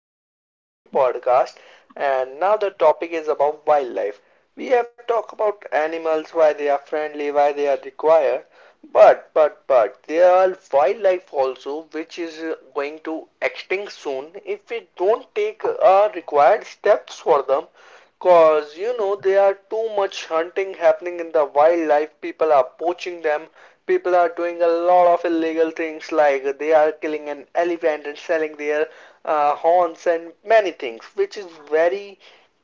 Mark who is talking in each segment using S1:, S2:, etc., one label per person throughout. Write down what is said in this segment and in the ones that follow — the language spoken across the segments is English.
S1: back to our new podcast. And now the topic is about wildlife. We have talked about animals, why they are friendly, why they are required. But there are wildlife also which is going to extinct soon if we don't take required steps for them. Cause you know there are too much hunting happening in the wildlife. People are poaching them. People are doing a lot of illegal things, like they are killing an elephant and selling their horns and many things, which is very,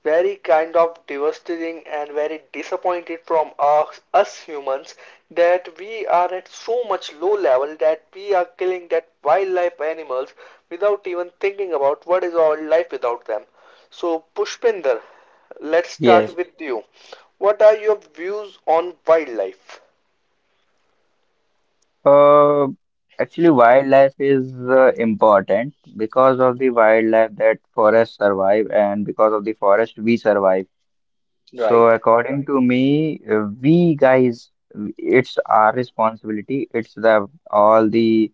S1: very kind of devastating and very disappointed from us humans, that we are at so much low level that we are killing that wildlife animals without even thinking about what is our life without them. So, Pushpinder, let's
S2: Yes.
S1: start with you. What are your views on wildlife?
S2: Uh, actually, wildlife is important because of the wildlife that forests survive, and because of the forest we survive. So,
S1: Right.
S2: according to me, we guys, it's our responsibility. It's the all the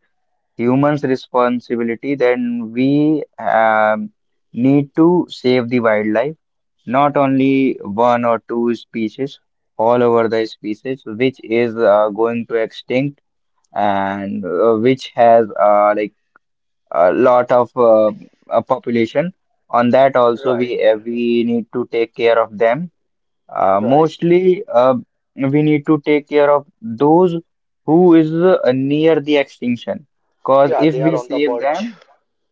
S2: humans' responsibility. Then we need to save the wildlife, not only one or two species, all over the species which is going to extinct and which has like a lot of population. On that also
S1: Right,
S2: we need to take care of them. Uh,
S1: right.
S2: mostly uh, we need to take care of those who is near the extinction. Cause
S1: Yeah,
S2: if
S1: they are
S2: we
S1: on the
S2: save
S1: verge.
S2: them,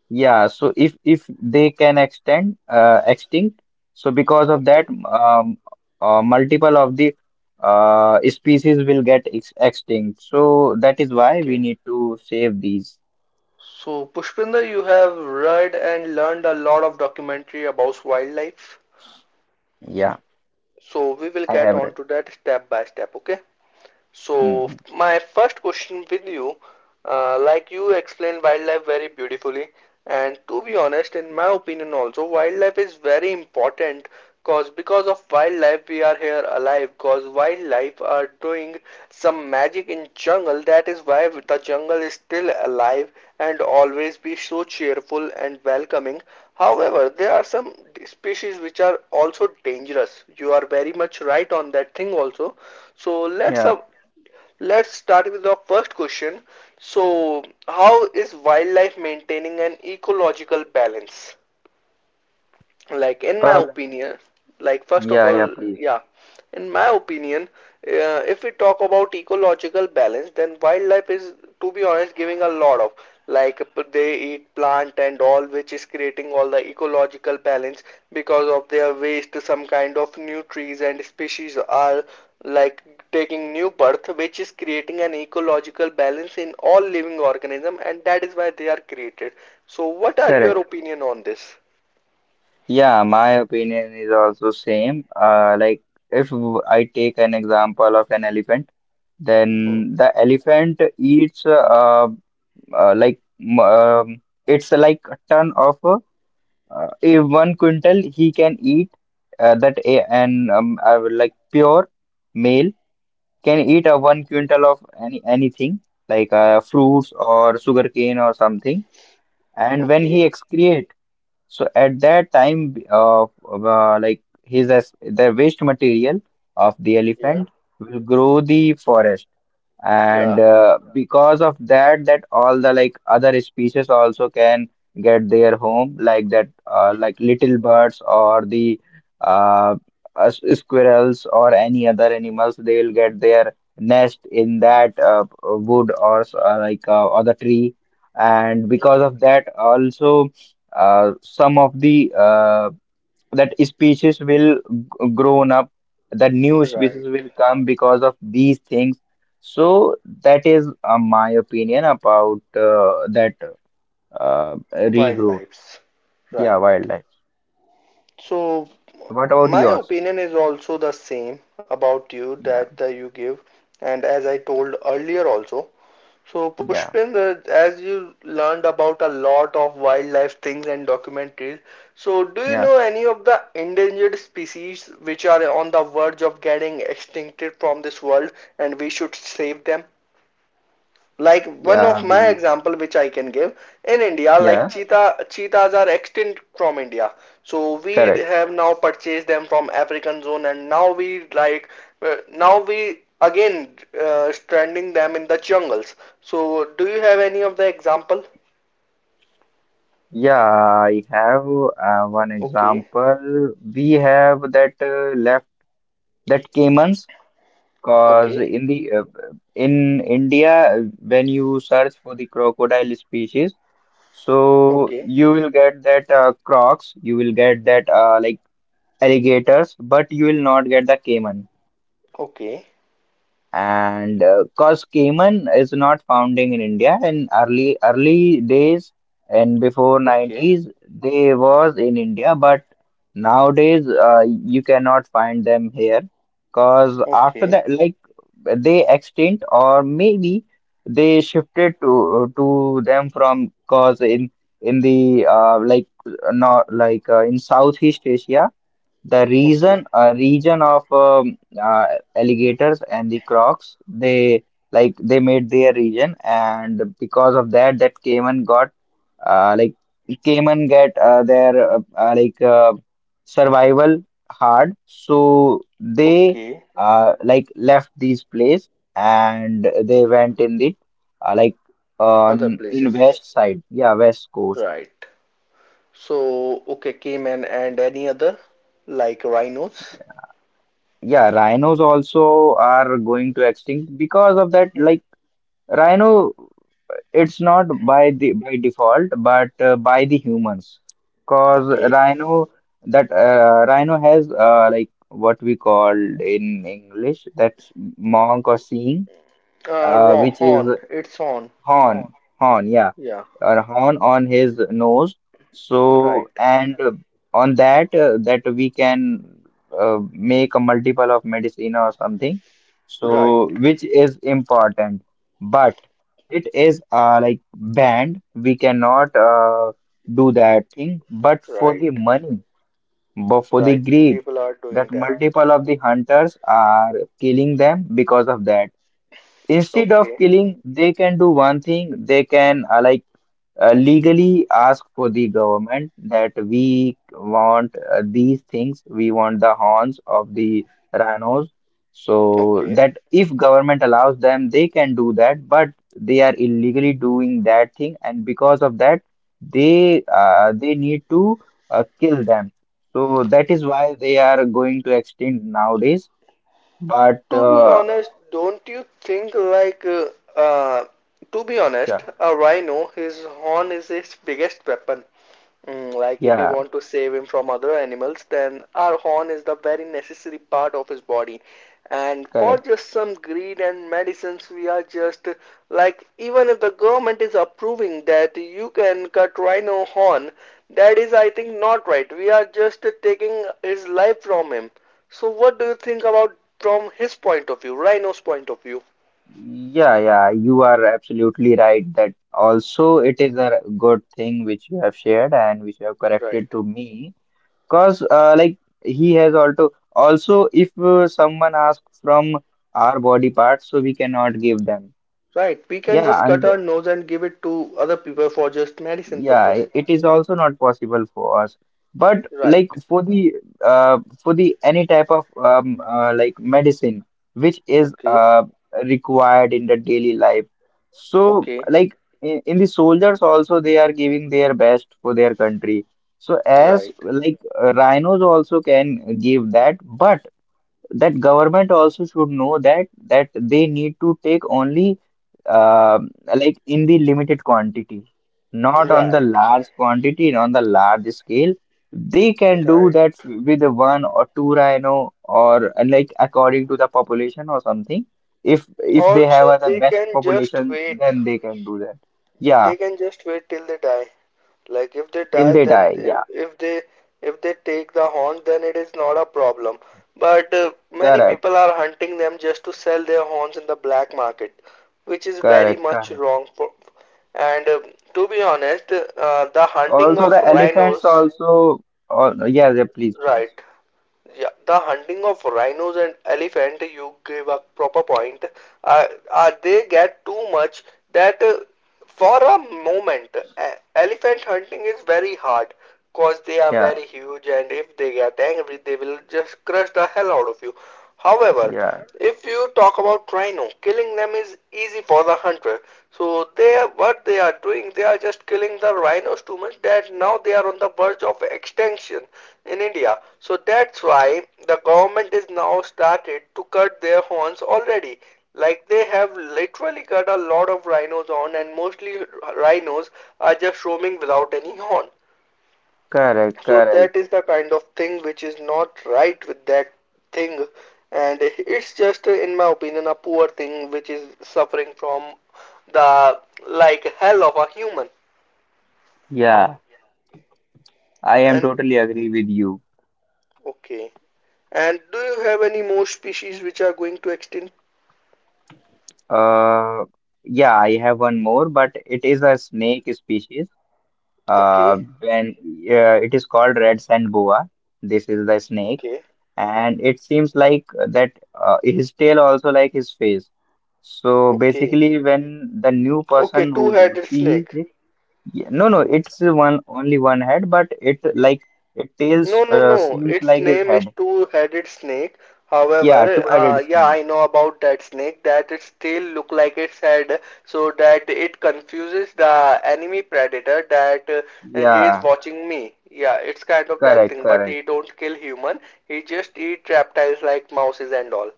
S2: yeah, so if they can extend extinct, so because of
S1: Okay,
S2: that, multiple of the species will get ex extinct. So that is why we
S1: okay.
S2: need to save these.
S1: So, Pushpinder, you have read and learned a lot of documentary about wildlife.
S2: Yeah,
S1: So, we will
S2: I
S1: get
S2: have
S1: on
S2: read.
S1: to that step by step, okay? So,
S2: hmm
S1: my first question with you, like you explained wildlife very beautifully, and to be honest, in my opinion also, wildlife is very important because of wildlife we are here alive. Because wildlife are doing some magic in jungle. That is why the jungle is still alive and always be so cheerful and welcoming. However, there are some species which are also dangerous. You are very much right on that thing also. So
S2: Yeah.
S1: let's start with our first question. So how is wildlife maintaining an ecological balance? Like in my
S2: Uh,
S1: opinion, like first of
S2: yeah,
S1: all,
S2: please.
S1: yeah, in my opinion, if we talk about ecological balance, then wildlife is, to be honest, giving a lot of, like, they eat plant and all, which is creating all the ecological balance. Because of their waste, some kind of new trees and species are, like, taking new birth, which is creating an ecological balance in all living organism, and that is why they are created. So what are your
S2: Correct.
S1: opinion on this?
S2: Yeah, my opinion is also same. Like if I take an example of an elephant, then the elephant eats it's like a ton of a one quintal he can eat that a and I would like pure male can eat a one quintal of any anything like fruits or sugarcane or something, and when
S1: Okay.
S2: he excrete, so at that time like his as the waste material of the
S1: Yeah.
S2: elephant will grow the forest,
S1: Yeah.
S2: and because of that, that all the like other species also can get their home like that like little birds or the uh, squirrels or any other animals, they will get their nest in that wood or other tree, and because
S1: Right.
S2: of that also some of the that species will grown up, that new species
S1: Right.
S2: will come because of these things. So that is my opinion about that uh, regrowth.
S1: Wildlife.
S2: Yeah,
S1: Right.
S2: wildlife.
S1: So
S2: What about
S1: my
S2: yours?
S1: opinion is also the same about you, that
S2: yeah
S1: you give, and as I told earlier also. So
S2: yeah
S1: Pushpinder, as you learned about a lot of wildlife things and documentaries, so do you
S2: yeah
S1: know any of the endangered species which are on the verge of getting extincted from this world and we should save them? Like, one
S2: yeah
S1: of my
S2: we
S1: example which I can give in India, like
S2: yeah
S1: cheetah, cheetahs are extinct from India, so we
S2: Correct.
S1: have now purchased them from African zone, and now we, like, now we again stranding them in the jungles. So do you have any of the example?
S2: Yeah, I have one
S1: Okay.
S2: example we have that left, that caimans. Cause
S1: Okay.
S2: in the in India, when you search for the crocodile species, so
S1: Okay.
S2: you will get that crocs, you will get that like alligators, but you will not get the caiman.
S1: Okay.
S2: And cause Cayman is not founding in India in early early days, and before
S1: Okay.
S2: 90s they was in India, but nowadays you cannot find them here, cause after
S1: Okay.
S2: that, like, they extinct or maybe they shifted to them from, cause in the like not like in Southeast Asia, the
S1: Okay.
S2: reason, a region of alligators and the crocs, they like they made their region, and because of that, that Cayman got like Cayman get their survival hard, so they
S1: Okay.
S2: like left this place and they went in the uh, like
S1: Other
S2: on in
S1: places.
S2: west side, yeah, west coast.
S1: Right. So, okay, cayman and any other, like rhinos.
S2: Yeah, rhinos also are going to extinct because of that. Like Rhino, it's not by the by default, but by the humans, cause
S1: Okay.
S2: rhino, that rhino has like what we call in English that's monk or seeing,
S1: Raw
S2: which is
S1: horn. It's on.
S2: horn, horn, yeah,
S1: Yeah.
S2: a horn on his nose. So,
S1: Right.
S2: and on that, that we can make a multiple of medicine or something.
S1: Right.
S2: So, which is important, but it is like banned. We cannot do that thing. But for
S1: Right.
S2: the money, but for the
S1: Right.
S2: greed,
S1: People are doing
S2: that
S1: that.
S2: multiple of the hunters are killing them because of that. Instead of
S1: Okay.
S2: killing, they can do one thing. They can like legally ask for the government that we want these things. We want the horns of the rhinos. So
S1: Okay.
S2: that if government allows them, they can do that. But they are illegally doing that thing, and because of that, they need to kill them. So that is why they are going to extinct nowadays. But
S1: To be honest, don't you think like uh to be
S2: yeah,
S1: honest, a rhino, his horn is its biggest weapon. Mm, like if we
S2: yeah,
S1: want to save him from other animals, then our horn is the very necessary part of his body. And for
S2: correct.
S1: just some greed and medicines, we are just, like, even if the government is approving that you can cut rhino horn, that is, I think, not right. We are just taking his life from him. So what do you think about from his point of view, rhino's point of view?
S2: Yeah, yeah, you are absolutely right that also it is a good thing which you have shared and which you have corrected
S1: Right.
S2: to me, because like he has also also if someone asks from our body parts, so we cannot give them,
S1: Right, we can just
S2: yeah,
S1: cut
S2: and
S1: our nose and give it to other people for just medicine
S2: yeah,
S1: purpose.
S2: it is also not possible for us. But
S1: Right.
S2: like for the any type of medicine which is
S1: Okay,
S2: required in the daily life. So
S1: okay,
S2: like in the soldiers also they are giving their best for their country. So as
S1: right,
S2: like rhinos also can give that, but that government also should know that that they need to take only uh, like in the limited quantity, not on the
S1: right,
S2: large quantity on the large scale. They can do
S1: right.
S2: that with one or two rhino or like according to the population or something. If they have
S1: Also,
S2: the
S1: they
S2: best
S1: can just
S2: population,
S1: wait.
S2: then they can do that. Yeah,
S1: They can just wait till they die. Like if they
S2: till
S1: die,
S2: they
S1: then
S2: die,
S1: if,
S2: yeah,
S1: if they, if they take the horn, then it is not a problem. But many
S2: correct,
S1: people are hunting them just to sell their horns in the black market, which is very
S2: correct,
S1: much
S2: correct,
S1: wrong. For, and to be honest, the hunting
S2: also
S1: of
S2: the elephants
S1: rhinos,
S2: also, oh, yeah yeah, please please,
S1: right? Yeah, the hunting of rhinos and elephant, you give a proper point. They get too much that for a moment, e- elephant hunting is very hard because they are
S2: yeah
S1: very huge, and if they get angry, they will just crush the hell out of you. However,
S2: yeah.
S1: if you talk about rhino, killing them is easy for the hunter. So they are, what they are doing, they are just killing the rhinos too much that now they are on the verge of extinction in India. So that's why the government is now started to cut their horns already. Like they have literally cut a lot of rhinos on, and mostly rhinos are just roaming without any horn.
S2: Correct,
S1: So that
S2: correct.
S1: is the kind of thing which is not right with that thing, and it's just, in my opinion, a poor thing which is suffering from the, like, hell of a human.
S2: Yeah, I am
S1: And
S2: totally agree with you.
S1: okay, and do you have any more species which are going to extinct?
S2: Uh, yeah, I have one more, but it is a snake species.
S1: Okay,
S2: When it is called red sand boa. This is the snake,
S1: okay,
S2: and it seems like that his tail also like his face. So
S1: okay,
S2: basically, when the new
S1: okay,
S2: person who
S1: two-headed
S2: sees
S1: snake.
S2: it, yeah, no, no, it's one only one head, but it like it tails
S1: No, no, no.
S2: seems
S1: Its
S2: like his
S1: name is
S2: head.
S1: two-headed snake.
S2: Yeah,
S1: However,
S2: two-headed
S1: yeah,
S2: snake.
S1: I know about that snake, that its tail look like its head, so that it confuses the enemy predator that he is
S2: Yeah.
S1: watching me. Yeah, it's kind of that
S2: Correct,
S1: thing, but
S2: correct.
S1: he don't kill human. He just eat reptiles like mouses and all.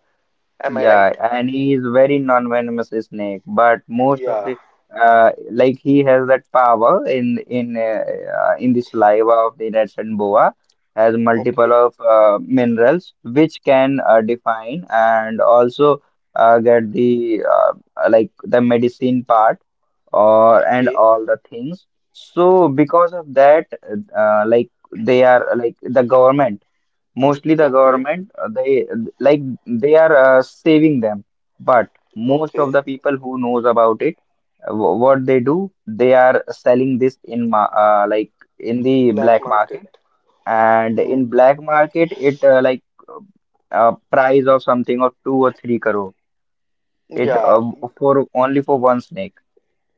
S1: Am I
S2: Yeah,
S1: right?
S2: and he is very non-venomous snake, but most of
S1: Yeah.
S2: the like he has that power in in the saliva of the red sand boa has multiple
S1: Okay.
S2: of minerals which can define and also get the like the medicine part or and
S1: Okay.
S2: all the things. So because of that, like they are like the government. Mostly the
S1: Okay.
S2: government they like they are saving them, but most
S1: Okay.
S2: of the people who knows about it, what they do, they are selling this in ma like in the
S1: Black
S2: black market,
S1: market.
S2: and
S1: Hmm.
S2: in black market it price of something of two or three crore, it
S1: Yeah,
S2: for only for one snake.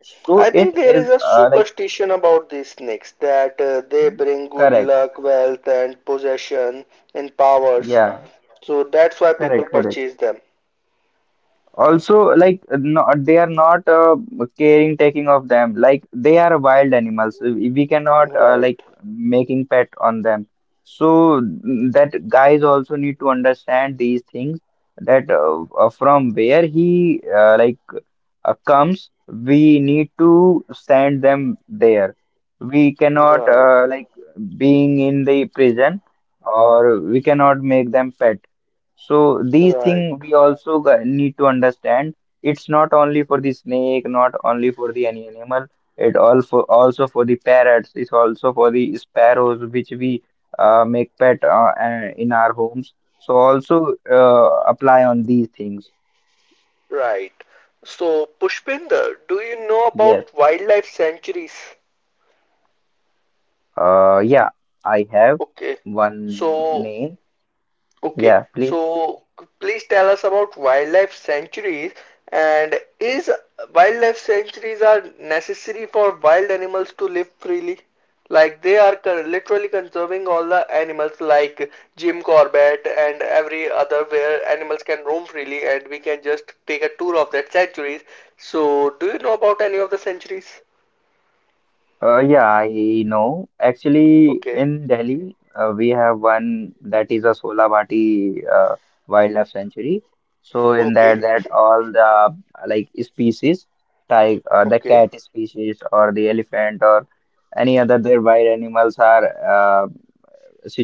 S2: So
S1: I
S2: it
S1: think there
S2: is
S1: is a
S2: uh, like
S1: superstition about these snakes, that they bring good
S2: correct,
S1: luck, wealth, and possession and powers.
S2: yeah,
S1: So that's why people
S2: correct, correct.
S1: purchase them.
S2: Also, like, no, they are not caring taking of them. Like they are wild animals. We cannot like
S1: Right,
S2: making pet on them. So mm, that guys also need to understand these things, that from where he comes, we need to send them there. We cannot
S1: right,
S2: like being in the prison, or we cannot make them pet. So these
S1: right.
S2: things we also need to understand. It's not only for the snake, not only for the any animal. It also also for the parrots. It's also for the sparrows, which we make pet in our homes. So also apply on these things.
S1: Right. So, Pushpinder, do you know
S2: Yes.
S1: about wildlife sanctuaries?
S2: Yeah. I have
S1: Okay.
S2: one
S1: So,
S2: name.
S1: okay,
S2: Yeah, please.
S1: so please tell us about wildlife sanctuaries, and is wildlife sanctuaries are necessary for wild animals to live freely? Like they are literally conserving all the animals like Jim Corbett and every other where animals can roam freely, and we can just take a tour of that sanctuaries. So do you know about any of the sanctuaries?
S2: Yeah, I know. Actually,
S1: Okay,
S2: in Delhi, we have one that is a Solabati Wildlife Sanctuary. So in that,
S1: okay,
S2: that all the like species, like the
S1: okay,
S2: cat species or the elephant or any other their wild animals are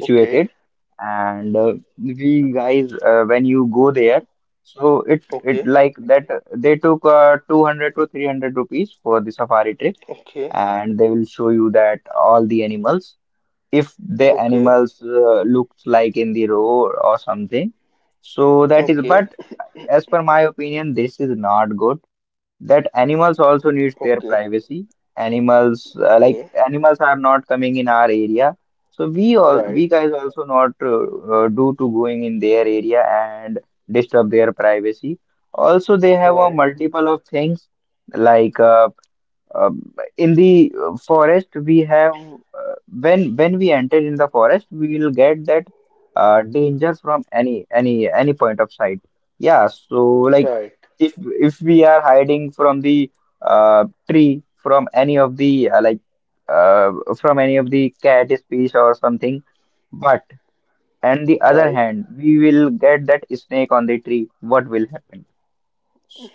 S1: okay,
S2: And we guys, when you go there, so it
S1: okay,
S2: like that they took 200 to 300 rupees for the safari trip,
S1: okay,
S2: and they will show you that all the animals, if the
S1: okay,
S2: animals looks like in the row or something. So that is,
S1: okay,
S2: but as per my opinion this is not good, that animals also needs their
S1: okay,
S2: privacy. Animals like
S1: okay,
S2: animals are not coming in our area, so we all we
S1: right,
S2: guys also not do to going in their area and disturb their privacy. Also they have a
S1: right,
S2: multiple of things, like in the forest, we have when we enter in the forest, we will get that danger from any point of sight. Yeah, so, like,
S1: right,
S2: if if we are hiding from the tree, from any of the uh, from any of the cat species or something, but on the other
S1: right,
S2: hand, we will get that snake on the tree. What will happen?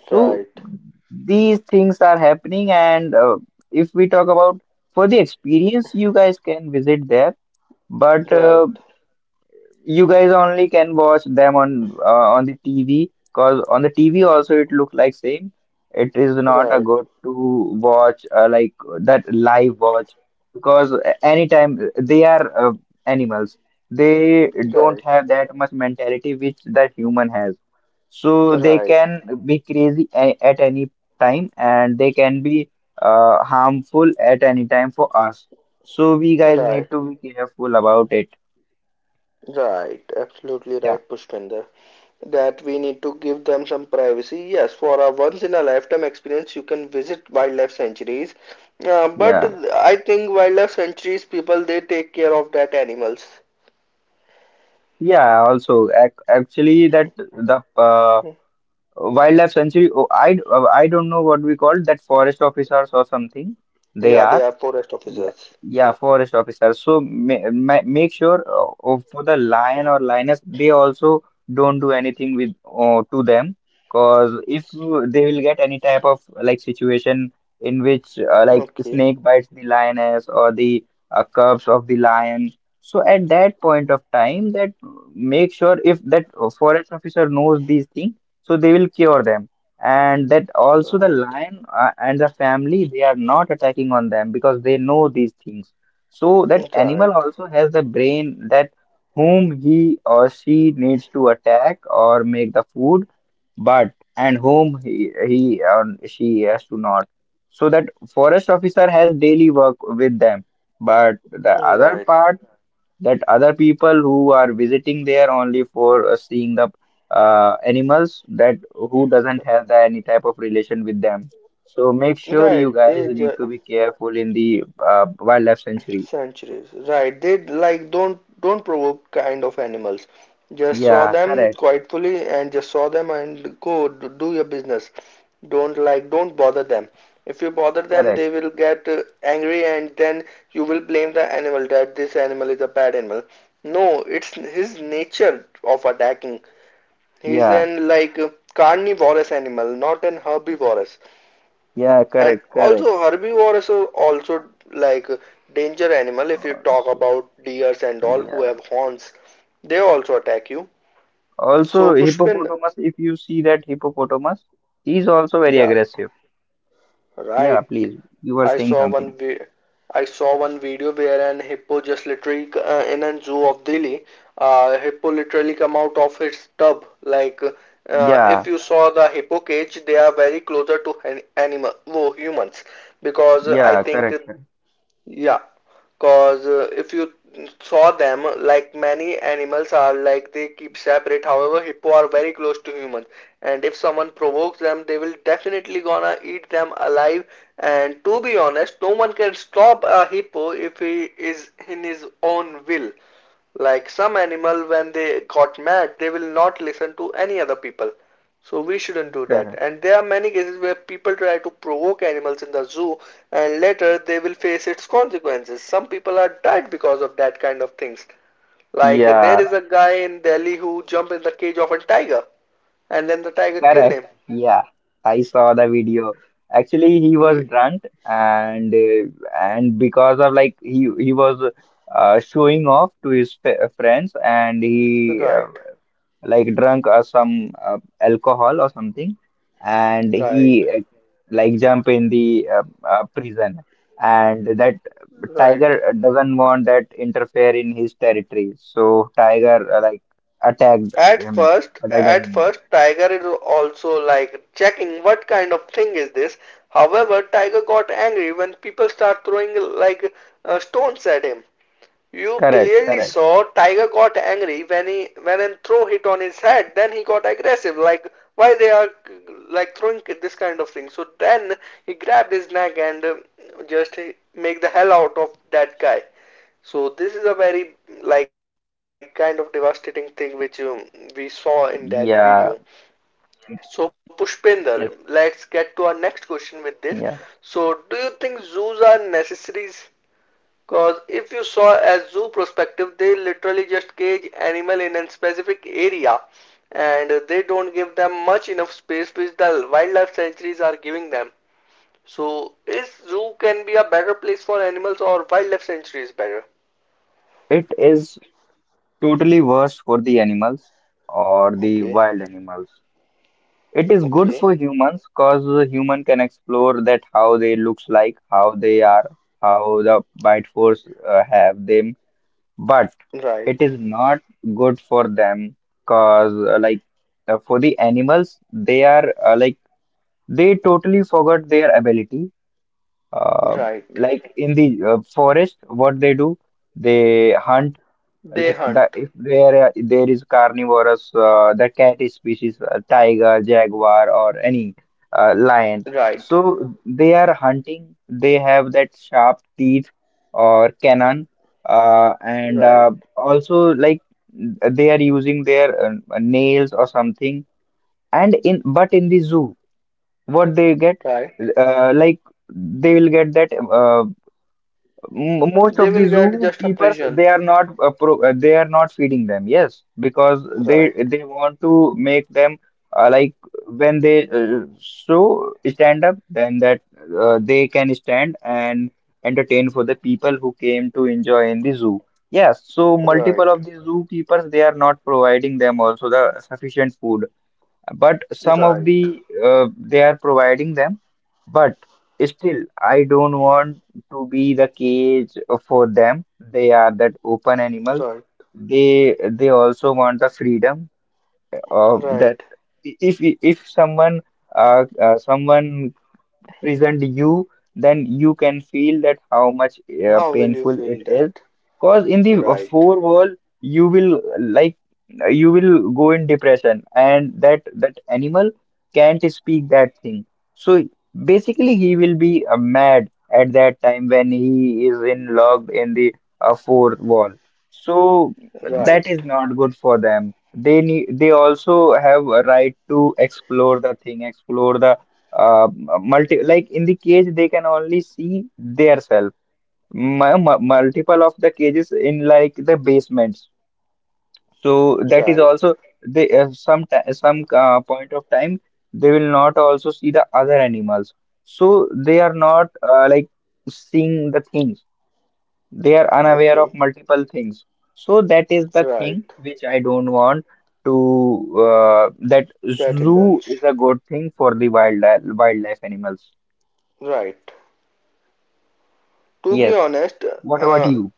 S2: So
S1: right,
S2: these things are happening, and if we talk about for the experience, you guys can visit there, but
S1: right, right,
S2: you guys only can watch them on the TV, because on the TV also it looks like same. It is not a
S1: right,
S2: good to watch like that live watch, because anytime they are animals, they don't
S1: right,
S2: have that much mentality which that human has. So they can be crazy at any time and they can be harmful at any time for us. So we guys need
S1: right,
S2: to be careful about it.
S1: right. Absolutely
S2: Yeah.
S1: right, Pushpinder. That we need to give them some privacy. Yes, for a once in a lifetime experience, you can visit wildlife sanctuaries. But
S2: Yeah,
S1: I think wildlife sanctuaries people they take care of that animals.
S2: yeah. Also, ac actually, that the wildlife sanctuary. Oh, I don't know what we call that, forest officers or something. They
S1: Yeah, they
S2: are.
S1: are forest
S2: Yeah,
S1: officers.
S2: yeah, forest officer. So ma ma make sure, for the lion or lioness, they also don't do anything with to them, cause if you- they will get any type of like situation in which like
S1: Okay,
S2: snake bites the lioness or the cubs of the lion. So at that point of time, that make sure if that forest officer knows these things, so they will cure them, and that also the
S1: right,
S2: lion and the family, they are not attacking on them because they know these things, so that
S1: right,
S2: animal also has the brain that whom he or she needs to attack or make the food, but and whom he or she has to not. So that forest officer has daily work with them, but the other
S1: right.
S2: part, that other people who are visiting there only for seeing the animals, that who doesn't have the, any type of relation with them. So make sure you
S1: Right,
S2: guys
S1: they ju
S2: need to be careful in the wildlife sanctuary.
S1: centuries. Right, they, like, don't provoke kind of animals. Just saw
S2: Yeah,
S1: them
S2: correct,
S1: quietly and just saw them and go do your business. Don't, like, don't bother them. If you bother them, they
S2: correct.
S1: will get angry, and then you will blame the animal that this animal is a bad animal. No, it's his nature of attacking. He's
S2: Yeah,
S1: an, like, carnivorous animal, not an herbivorous.
S2: yeah,
S1: And
S2: correct, correct.
S1: also herbivores are also, like, danger animal if you talk
S2: Also,
S1: about deers and all who
S2: yeah.
S1: have horns, they also attack you. So
S2: Also,
S1: Pushpin,
S2: hippopotamus, if you see that hippopotamus, he is also very
S1: yeah,
S2: aggressive. Yeah,
S1: right.
S2: please. You were
S1: I
S2: saying
S1: saw one
S2: something.
S1: vi I saw one video where an hippo just literally in a zoo of Delhi, hippo literally come out of its tub. Like if
S2: Yeah,
S1: you saw the hippo cage, they are very closer to an animal, whoa, humans, because I
S2: yeah,
S1: think,
S2: correct, correct,
S1: yeah, cause if you saw them, like many animals are like they keep separate. However, hippo are very close to humans, and if someone provokes them, they will definitely gonna eat them alive. And to be honest, no one can stop a hippo if he is in his own will. Like some animal when they got mad, they will not listen to any other people. So we shouldn't do that.
S2: correct.
S1: And there are many cases where people try to provoke animals in the zoo and later they will face its consequences. Some people are died because of that kind of things. Like there
S2: Yeah,
S1: is a guy in Delhi who jumped in the cage of a tiger and then the tiger killed
S2: correct.
S1: him.
S2: Yeah, I saw the video. Actually, he
S1: Yeah.
S2: was drunk, and because of like he was showing off to his f friends, and he,
S1: Right,
S2: like drunk some alcohol or something, and
S1: right,
S2: he, like jump in the prison, and that
S1: right.
S2: tiger doesn't want that interfere in his territory, so tiger, like, attacked
S1: At
S2: him.
S1: first,
S2: Attacked on
S1: at
S2: him.
S1: first, Tiger is also like checking what kind of thing is this. However, Tiger got angry when people start throwing like stones at him. You
S2: Correct.
S1: clearly
S2: Correct.
S1: saw Tiger got angry when he when a throw hit on his head. Then he got aggressive. Like why they are, like, throwing this kind of thing. So then he grabbed his neck and just make the hell out of that guy. So this is a very, like, kind of devastating thing which we saw in that
S2: Yeah,
S1: video. So
S2: yes,
S1: Pushpinder, let's get to our next question with this.
S2: yeah.
S1: So do you think zoos are necessaries? Cause if you saw a zoo perspective, they literally just cage animal in a specific area, and they don't give them much enough space which the wildlife sanctuaries are giving them. So is zoo can be a better place for animals or wildlife sanctuaries better?
S2: It is totally worse for the animals or the
S1: Okay,
S2: wild animals. It is good
S1: okay.
S2: for humans because human can explore that how they looks like, how they are, how the bite force have them. But it
S1: Right,
S2: is not good for them because like for the animals, they are like they totally forgot their ability. Uh,
S1: right.
S2: like in the forest, what they do, they hunt.
S1: They
S2: Like the
S1: hunt.
S2: if there are- there is carnivorous, the cat species, tiger, jaguar, or any lion.
S1: Right,
S2: So they are hunting. They have that sharp teeth or cannon, and
S1: right,
S2: also like they are using their nails or something. And in but in the zoo, what they get,
S1: right.
S2: like they will get that, most of
S1: They
S2: the
S1: will get just a
S2: zookeepers, they
S1: prison.
S2: are not pro they are not feeding them, yes, because they
S1: Right,
S2: they want to make them like when they so stand up, then that they can stand and entertain for the people who came to enjoy in the zoo. Yes, so multiple
S1: right,
S2: of the zookeepers, they are not providing them also the sufficient food, but some of
S1: right,
S2: the, they are providing them, but still I don't want to be the cage for them. They are that open animals.
S1: right,
S2: They also want the freedom of that.
S1: right.
S2: If someone present you, then you can feel that how much
S1: How will you
S2: painful it
S1: feel
S2: is.
S1: that?
S2: Because in the
S1: Right,
S2: four wall, you will like you will go in depression, and that animal can't speak that thing. So basically, he will be mad at that time when he is in locked in the fourth wall. So
S1: right,
S2: that is not good for them. They need, they also have a right to explore the thing, explore the uh, multi, like in the cage they can only see their self, multiple of the cages in like the basements. So that is
S1: right.
S2: also, they some ti- some point of time they will not also see the other animals, so they are not like seeing the things. They are unaware of
S1: Okay,
S2: multiple things. So that is the
S1: right.
S2: thing which I don't want to that
S1: Get
S2: zoo
S1: indulged.
S2: is a good thing for the wild wildlife animals.
S1: Right. To be
S2: Yes.
S1: honest,
S2: What about
S1: uh,
S2: you?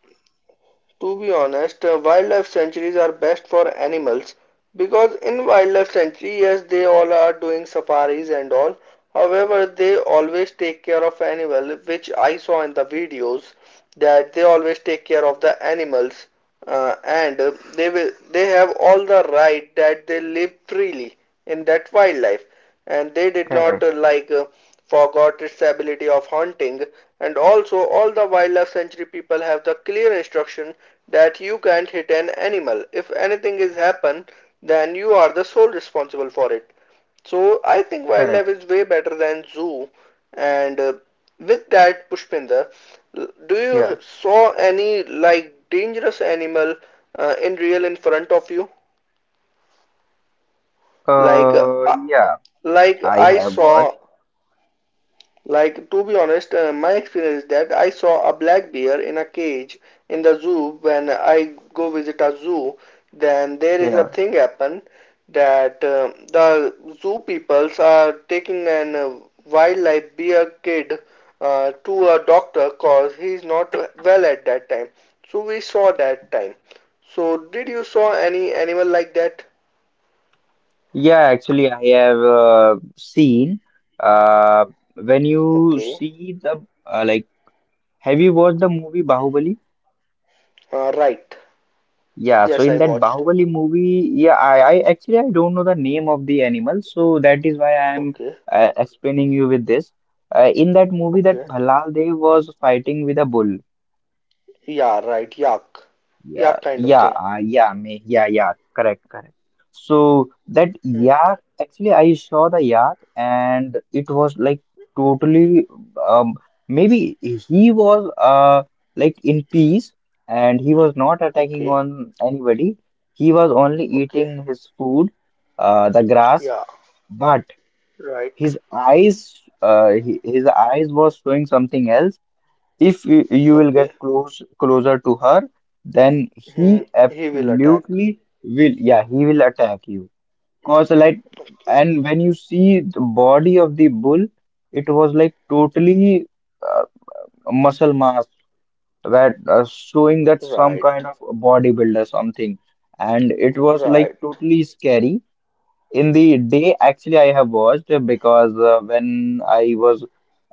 S1: To be honest, wildlife sanctuaries are best for animals because in wildlife sanctuary, yes, they all are doing safaris and all. However, they always take care of animal, which I saw in the videos that they always take care of the animals, and they will they have all the right that they live freely in that wildlife, and they did not
S2: Correct,
S1: forgot its ability of hunting, and also all the wildlife sanctuary people have the clear instruction that you can't hit an animal. If anything is happen, then you are the sole responsible for it. So I think wildlife
S2: correct.
S1: is way better than zoo. And With that, Pushpinder, do you
S2: Yeah.
S1: saw any like dangerous animal in real in front of you? Like uh,
S2: Yeah,
S1: like
S2: I
S1: I
S2: have
S1: saw.
S2: watched.
S1: Like, to be honest, my experience is that I saw a black bear in a cage in the zoo when I go visit a zoo. Then there is a
S2: Yeah.
S1: thing happen that the zoo peoples are taking an wildlife bear kid to a doctor cause he is not well at that time. So we saw that time. So did you saw any animal like that?
S2: Yeah, actually, I have seen. Uh, when you
S1: Okay.
S2: see the like, have you watched the movie Bahubali?
S1: Right.
S2: Yeah, so
S1: Yes,
S2: in
S1: I
S2: that
S1: watched.
S2: Bahubali movie, yeah, I actually I don't know the name of the animal, so that is why I am
S1: Okay.
S2: explaining you with this. In that movie, that
S1: Okay.
S2: Bhalal Dev was fighting with a bull.
S1: Yeah, right. Yak.
S2: Yeah,
S1: Yak kind of
S2: yeah,
S1: thing.
S2: yeah, me, yeah, yeah, correct, correct. So that
S1: Hmm.
S2: yak, actually, I saw the yak, and it was like totally, um, maybe he was like in peace, and he was not attacking
S1: Okay.
S2: on anybody. He was only
S1: Okay.
S2: eating his food, the grass,
S1: Yeah.
S2: but
S1: Right.
S2: his eyes, his eyes was showing something else. If you will
S1: Okay.
S2: get close closer to her, then
S1: Hmm.
S2: he
S1: He will attack.
S2: absolutely will. Yeah, he will attack you. Cause like,
S1: Okay.
S2: and when you see the body of the bull, it was like totally uh, muscle mass that showing that some
S1: Right.
S2: kind of bodybuilder something, and it was like
S1: Right.
S2: totally scary in the day. Actually, I have watched, because when I was,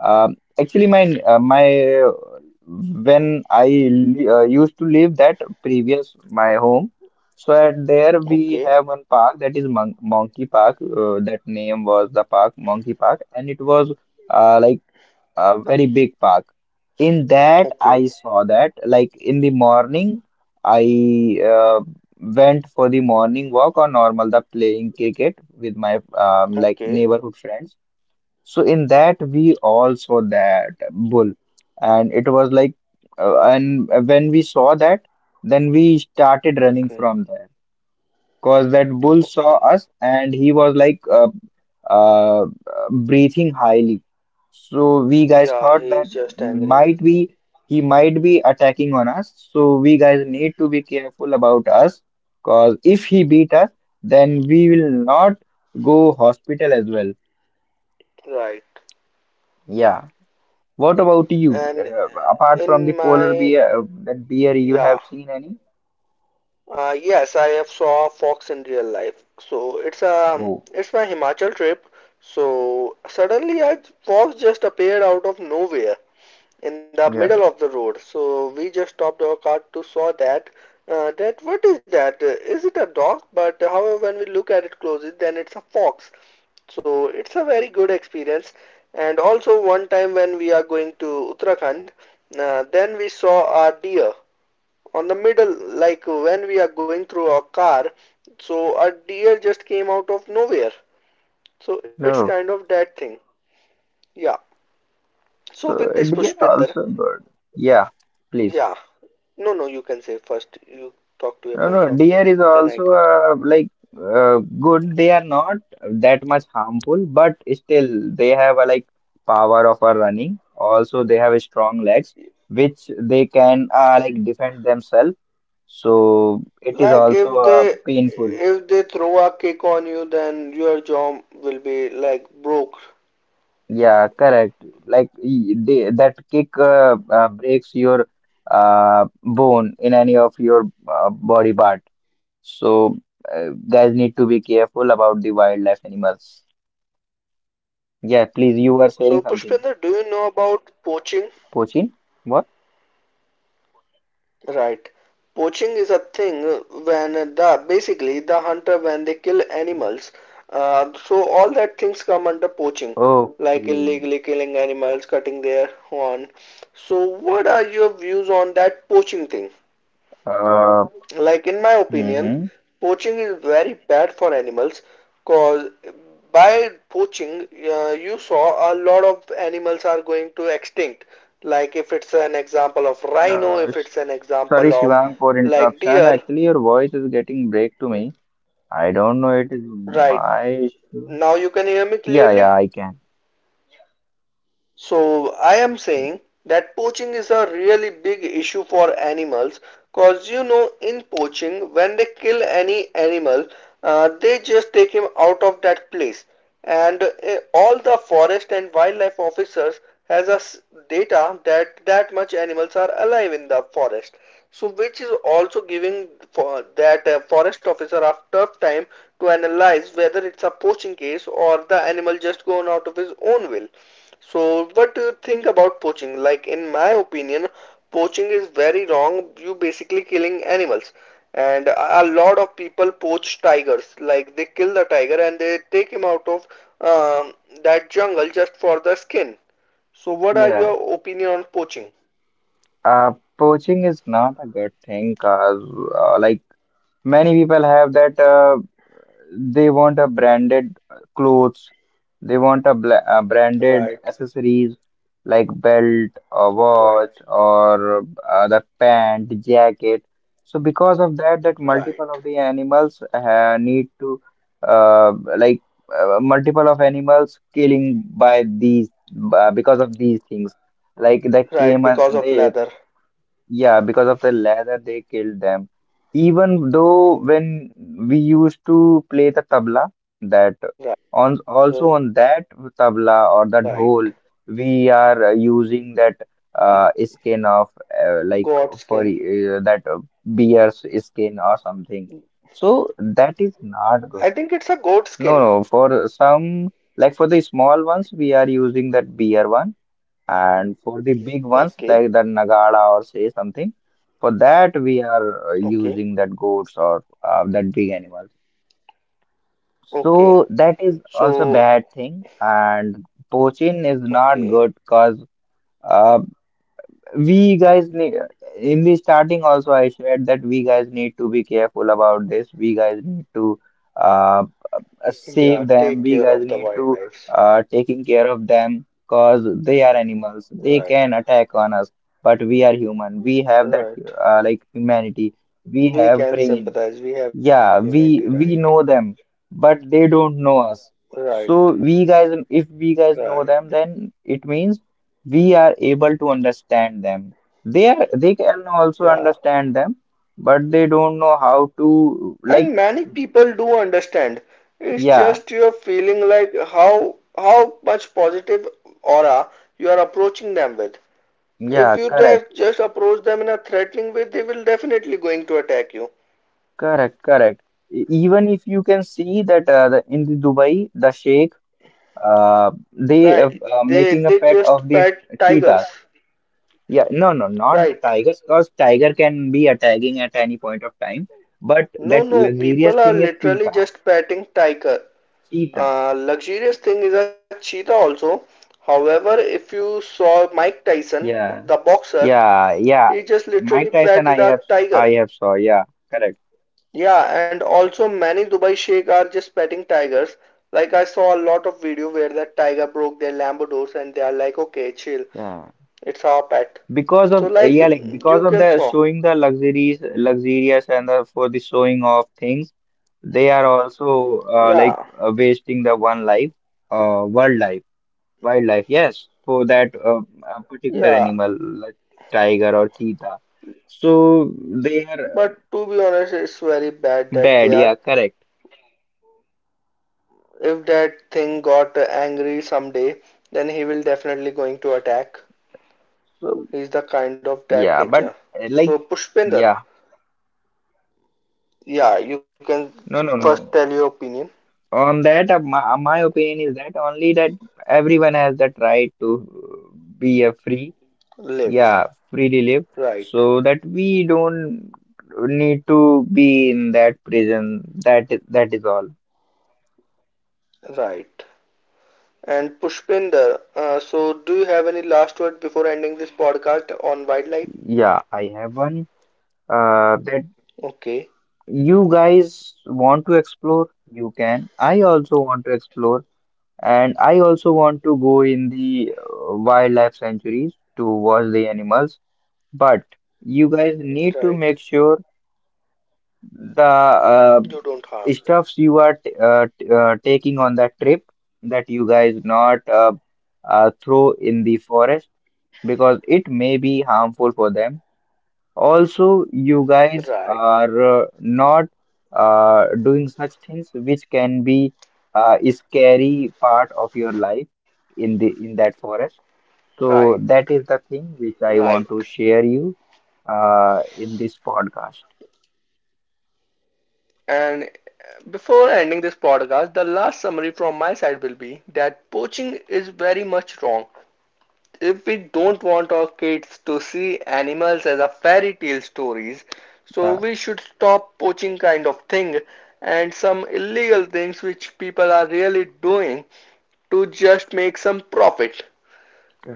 S2: um, actually my my when used to live that previous my home, so at there we
S1: Okay.
S2: have one park that is Monkey Park. That name was the park Monkey Park, and it was like a very big park. In that, I
S1: Okay.
S2: saw that like in the morning, I went for the morning walk or normal the playing cricket with my, like,
S1: Okay.
S2: neighborhood friends. So in that, we all saw that bull, and it was like, and when we saw that, then we started running
S1: Okay.
S2: from there. Cause that bull saw
S1: Okay.
S2: us and he was like, uh, breathing highly. So we guys
S1: Yeah,
S2: thought
S1: he
S2: that
S1: is just angry.
S2: might be, he might be attacking on us. So we guys need to be careful about us. Cause if he beat us, then we will not go hospital as well.
S1: Right.
S2: Yeah. What about you?
S1: And
S2: Apart from the
S1: in
S2: polar
S1: my
S2: bear, that bear, you
S1: yeah.
S2: have seen any?
S1: Yes, I have saw a fox in real life. So it's a
S2: Oh,
S1: it's my Himachal trip. So suddenly a fox just appeared out of nowhere in the middle
S2: yeah.
S1: of the road. So we just stopped our car to saw that. That what is that? Is it a dog? But however, when we look at it closely, then it's a fox. So it's a very good experience. And also one time when we are going to Uttarakhand, then we saw a deer on the middle, like when we are going through our car. So a deer just came out of nowhere. So it's kind
S2: No.
S1: of that thing. Yeah. So with
S2: So
S1: this
S2: it is
S1: Pushpinder,
S2: also good. Yeah,
S1: yeah.
S2: please.
S1: No, no, you can say first you talk to your
S2: No,
S1: point
S2: no,
S1: of view,
S2: deer is
S1: then I can
S2: also like good. They are not that much harmful, but still they have a like power of a running. Also, they have strong legs, which they can like defend themselves. So it
S1: tell.
S2: is
S1: Like
S2: also painful.
S1: if they throw a kick on you, then your job will be like broke.
S2: Yeah, correct. Like they, that kick breaks your bone in any of your body part. So guys need to be careful
S1: Right.
S2: about the wildlife animals. Yeah, please, you
S1: So
S2: were sharing
S1: Pushpinder, do
S2: something.
S1: you know about poaching?
S2: Pochin? What?
S1: Right. Poaching is a thing when the basically the hunter when they kill animals. So all that things come under poaching, like
S2: Okay.
S1: illegally killing animals, cutting their horn. So what are your views on that poaching thing?
S2: Uh,
S1: Like in my opinion,
S2: Mm-hmm.
S1: poaching is very bad for animals cause by poaching you saw a lot of animals are going to extinct. Like if it's an example of rhino,
S2: uh,
S1: if
S2: sh-
S1: it's an
S2: sorry,
S1: example of
S2: Shivang, for
S1: like
S2: interruption.
S1: deer,
S2: Actually, your voice is getting break to me. I don't know. It is
S1: right?
S2: my issue.
S1: Now you can hear me
S2: Yeah,
S1: clearly?
S2: yeah, I can.
S1: So I am saying that poaching is a really big issue for animals cause you know in poaching when they kill any animal, they just take him out of that place and all the forest and wildlife officers has a data that that much animals are alive in the forest, so which is also giving for that forest officer a tough time to analyze whether it's a poaching case or the animal just gone out of his own will. So what do you think about poaching? Like, in my opinion, poaching is very wrong. You basically killing animals, and a lot of people poach tigers. Like, they kill the tiger and they take him out of um, that jungle just for the skin. So, what are
S2: Yeah.
S1: your opinion on poaching?
S2: Uh, poaching is not a good thing, cause like, many people have that they want a branded clothes, they want a, bla branded
S1: Right,
S2: accessories like belt or
S1: right,
S2: watch or the pant, jacket. So because of that, that multiple of
S1: right,
S2: the animals need to uh, like multiple of animals killing by these because of these things. Like the came,
S1: right. Because
S2: they,
S1: of leather.
S2: yeah, because of the leather, they killed them. Even though when
S1: Right,
S2: we used to play the tabla, that on also on that
S1: right.
S2: tabla or that dhol, we are using that skin of
S1: Goat
S2: like
S1: skin.
S2: for that bear's skin or something. So that is
S1: I
S2: not
S1: think
S2: good.
S1: it's a goat skin.
S2: No, no. For some, like for the small ones, we are using that bear one. And for the big ones
S1: Okay,
S2: like the Nagada or say something, for that we are
S1: okay,
S2: using that goats or that big animals.
S1: okay.
S2: So that is also
S1: So,
S2: bad thing. And poaching is not
S1: okay.
S2: good because uh, we guys need in the starting also I shared that we guys need to be careful about this. We guys need to uh, save
S1: Yeah,
S2: them.
S1: take
S2: We
S1: care
S2: guys
S1: of the
S2: need to
S1: wildlife.
S2: taking care of them because they are animals. They
S1: Right,
S2: can attack on us, but we are human. We have that
S1: right.
S2: like, humanity. We
S1: We
S2: have
S1: can
S2: brain.
S1: sympathize. We have
S2: Yeah,
S1: humanity, right?
S2: we know them, but they don't know us.
S1: Right,
S2: So we guys, if we guys
S1: right.
S2: know them, then it means we are able to understand them. They are, they can also
S1: Yeah.
S2: understand them, but they don't know how to, like,
S1: And many people do understand. It's
S2: yeah,
S1: just you're feeling like how much positive aura you are approaching them with. If
S2: yeah,
S1: you
S2: correct.
S1: dare just approach them in a threatening way, they will definitely going to attack you.
S2: Correct, correct. Even if you can see that, in the Dubai, the sheikh, they
S1: Right.
S2: making a
S1: They
S2: pet of
S1: just
S2: the
S1: pet tigers.
S2: cheetah. Yeah, no, no, not the
S1: Right.
S2: tigers, because tiger can be attacking at any point of time. But
S1: No,
S2: that
S1: no,
S2: luxurious
S1: people are
S2: thing is
S1: literally
S2: cheetah.
S1: just petting tiger.
S2: Cheetah.
S1: Luxurious thing is a cheetah also. However, if you saw Mike Tyson,
S2: Yeah,
S1: the boxer,
S2: yeah,
S1: he
S2: yeah.
S1: just literally
S2: Mike
S1: patted
S2: Tyson,
S1: a tiger.
S2: I have saw. Yeah, correct.
S1: Yeah, and also many Dubai Sheikh are just petting tigers. Like I saw a lot of video where that tiger broke their Lambo doors and they are like, okay, chill,
S2: Yeah,
S1: it's our pet.
S2: because
S1: So
S2: of,
S1: like
S2: yeah, like because
S1: you
S2: of
S1: can
S2: the
S1: saw.
S2: showing the luxuries, luxurious, and the, for the showing of things. They are also like
S1: Yeah,
S2: wasting the one life, wildlife, wildlife. Yes, for that particular
S1: yeah.
S2: animal, like tiger or cheetah. So they are
S1: But to be honest, it's very bad that they
S2: bad.
S1: are.
S2: Yeah, correct.
S1: If that thing got angry someday, then he will definitely going to attack.
S2: So
S1: He's the kind of that
S2: yeah,
S1: nature.
S2: but
S1: So
S2: like,
S1: Pushpender,
S2: yeah,
S1: yeah, you can
S2: no, no,
S1: first tell
S2: no.
S1: your opinion.
S2: On that, my opinion is that only that everyone has that right to be a free.
S1: Live,
S2: Yeah, freely relieved,
S1: right,
S2: so that we don't need to be in that prison. That is all.
S1: right. And Pushpender, so do you have any last word before ending this podcast on wildlife?
S2: Yeah, I have one that,
S1: Okay,
S2: you guys want to explore. You can. I also want to explore, and I also want to go in the wildlife sanctuaries to watch the animals. But you guys need to
S1: right.
S2: make sure the
S1: You don't harm them.
S2: stuffs you are t t taking on that trip, that you guys not throw in the forest, because it may be harmful for them. Also, you guys
S1: Right,
S2: are not doing such things which can be a scary part of your life in the in that forest. So
S1: right,
S2: that is the thing which I
S1: right.
S2: want to share you in this podcast.
S1: And before ending this podcast, the last summary from my side will be that poaching is very much wrong. If we don't want our kids to see animals as a fairy tale stories, so
S2: Yeah,
S1: we should stop poaching kind of thing and some illegal things which people are really doing to just make some profit.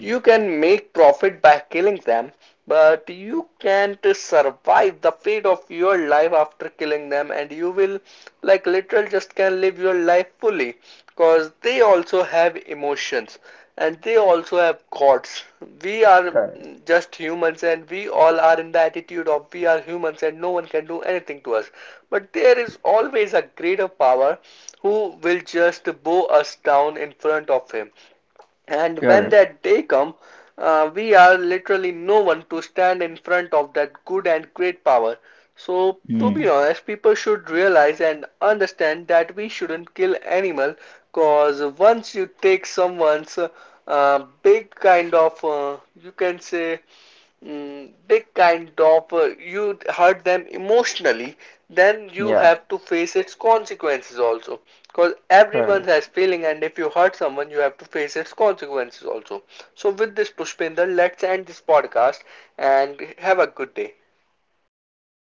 S1: You can make profit by killing them, but you can't survive the fate of your life after killing them, and you will, like, literal just can not live your life fully because they also have emotions and they also have gods. We are just humans, and we all are in the attitude of we are humans, and no one can do anything to us. But there is always a greater power who will just bow us down in front of him. And when
S2: Correct.
S1: that day comes, we are literally no one to stand in front of that good and great power. So to be
S2: Hmm.
S1: honest, people should realize and understand that we shouldn't kill animal, cause once you take someone's big kind of you can say, big kind of you hurt them emotionally, then you
S2: Yeah,
S1: have to face its consequences also, because everyone
S2: correct.
S1: has feeling and if you hurt someone you have to face its consequences also. So with this Pushpinder, let's end this podcast and have a good day.
S2: You too.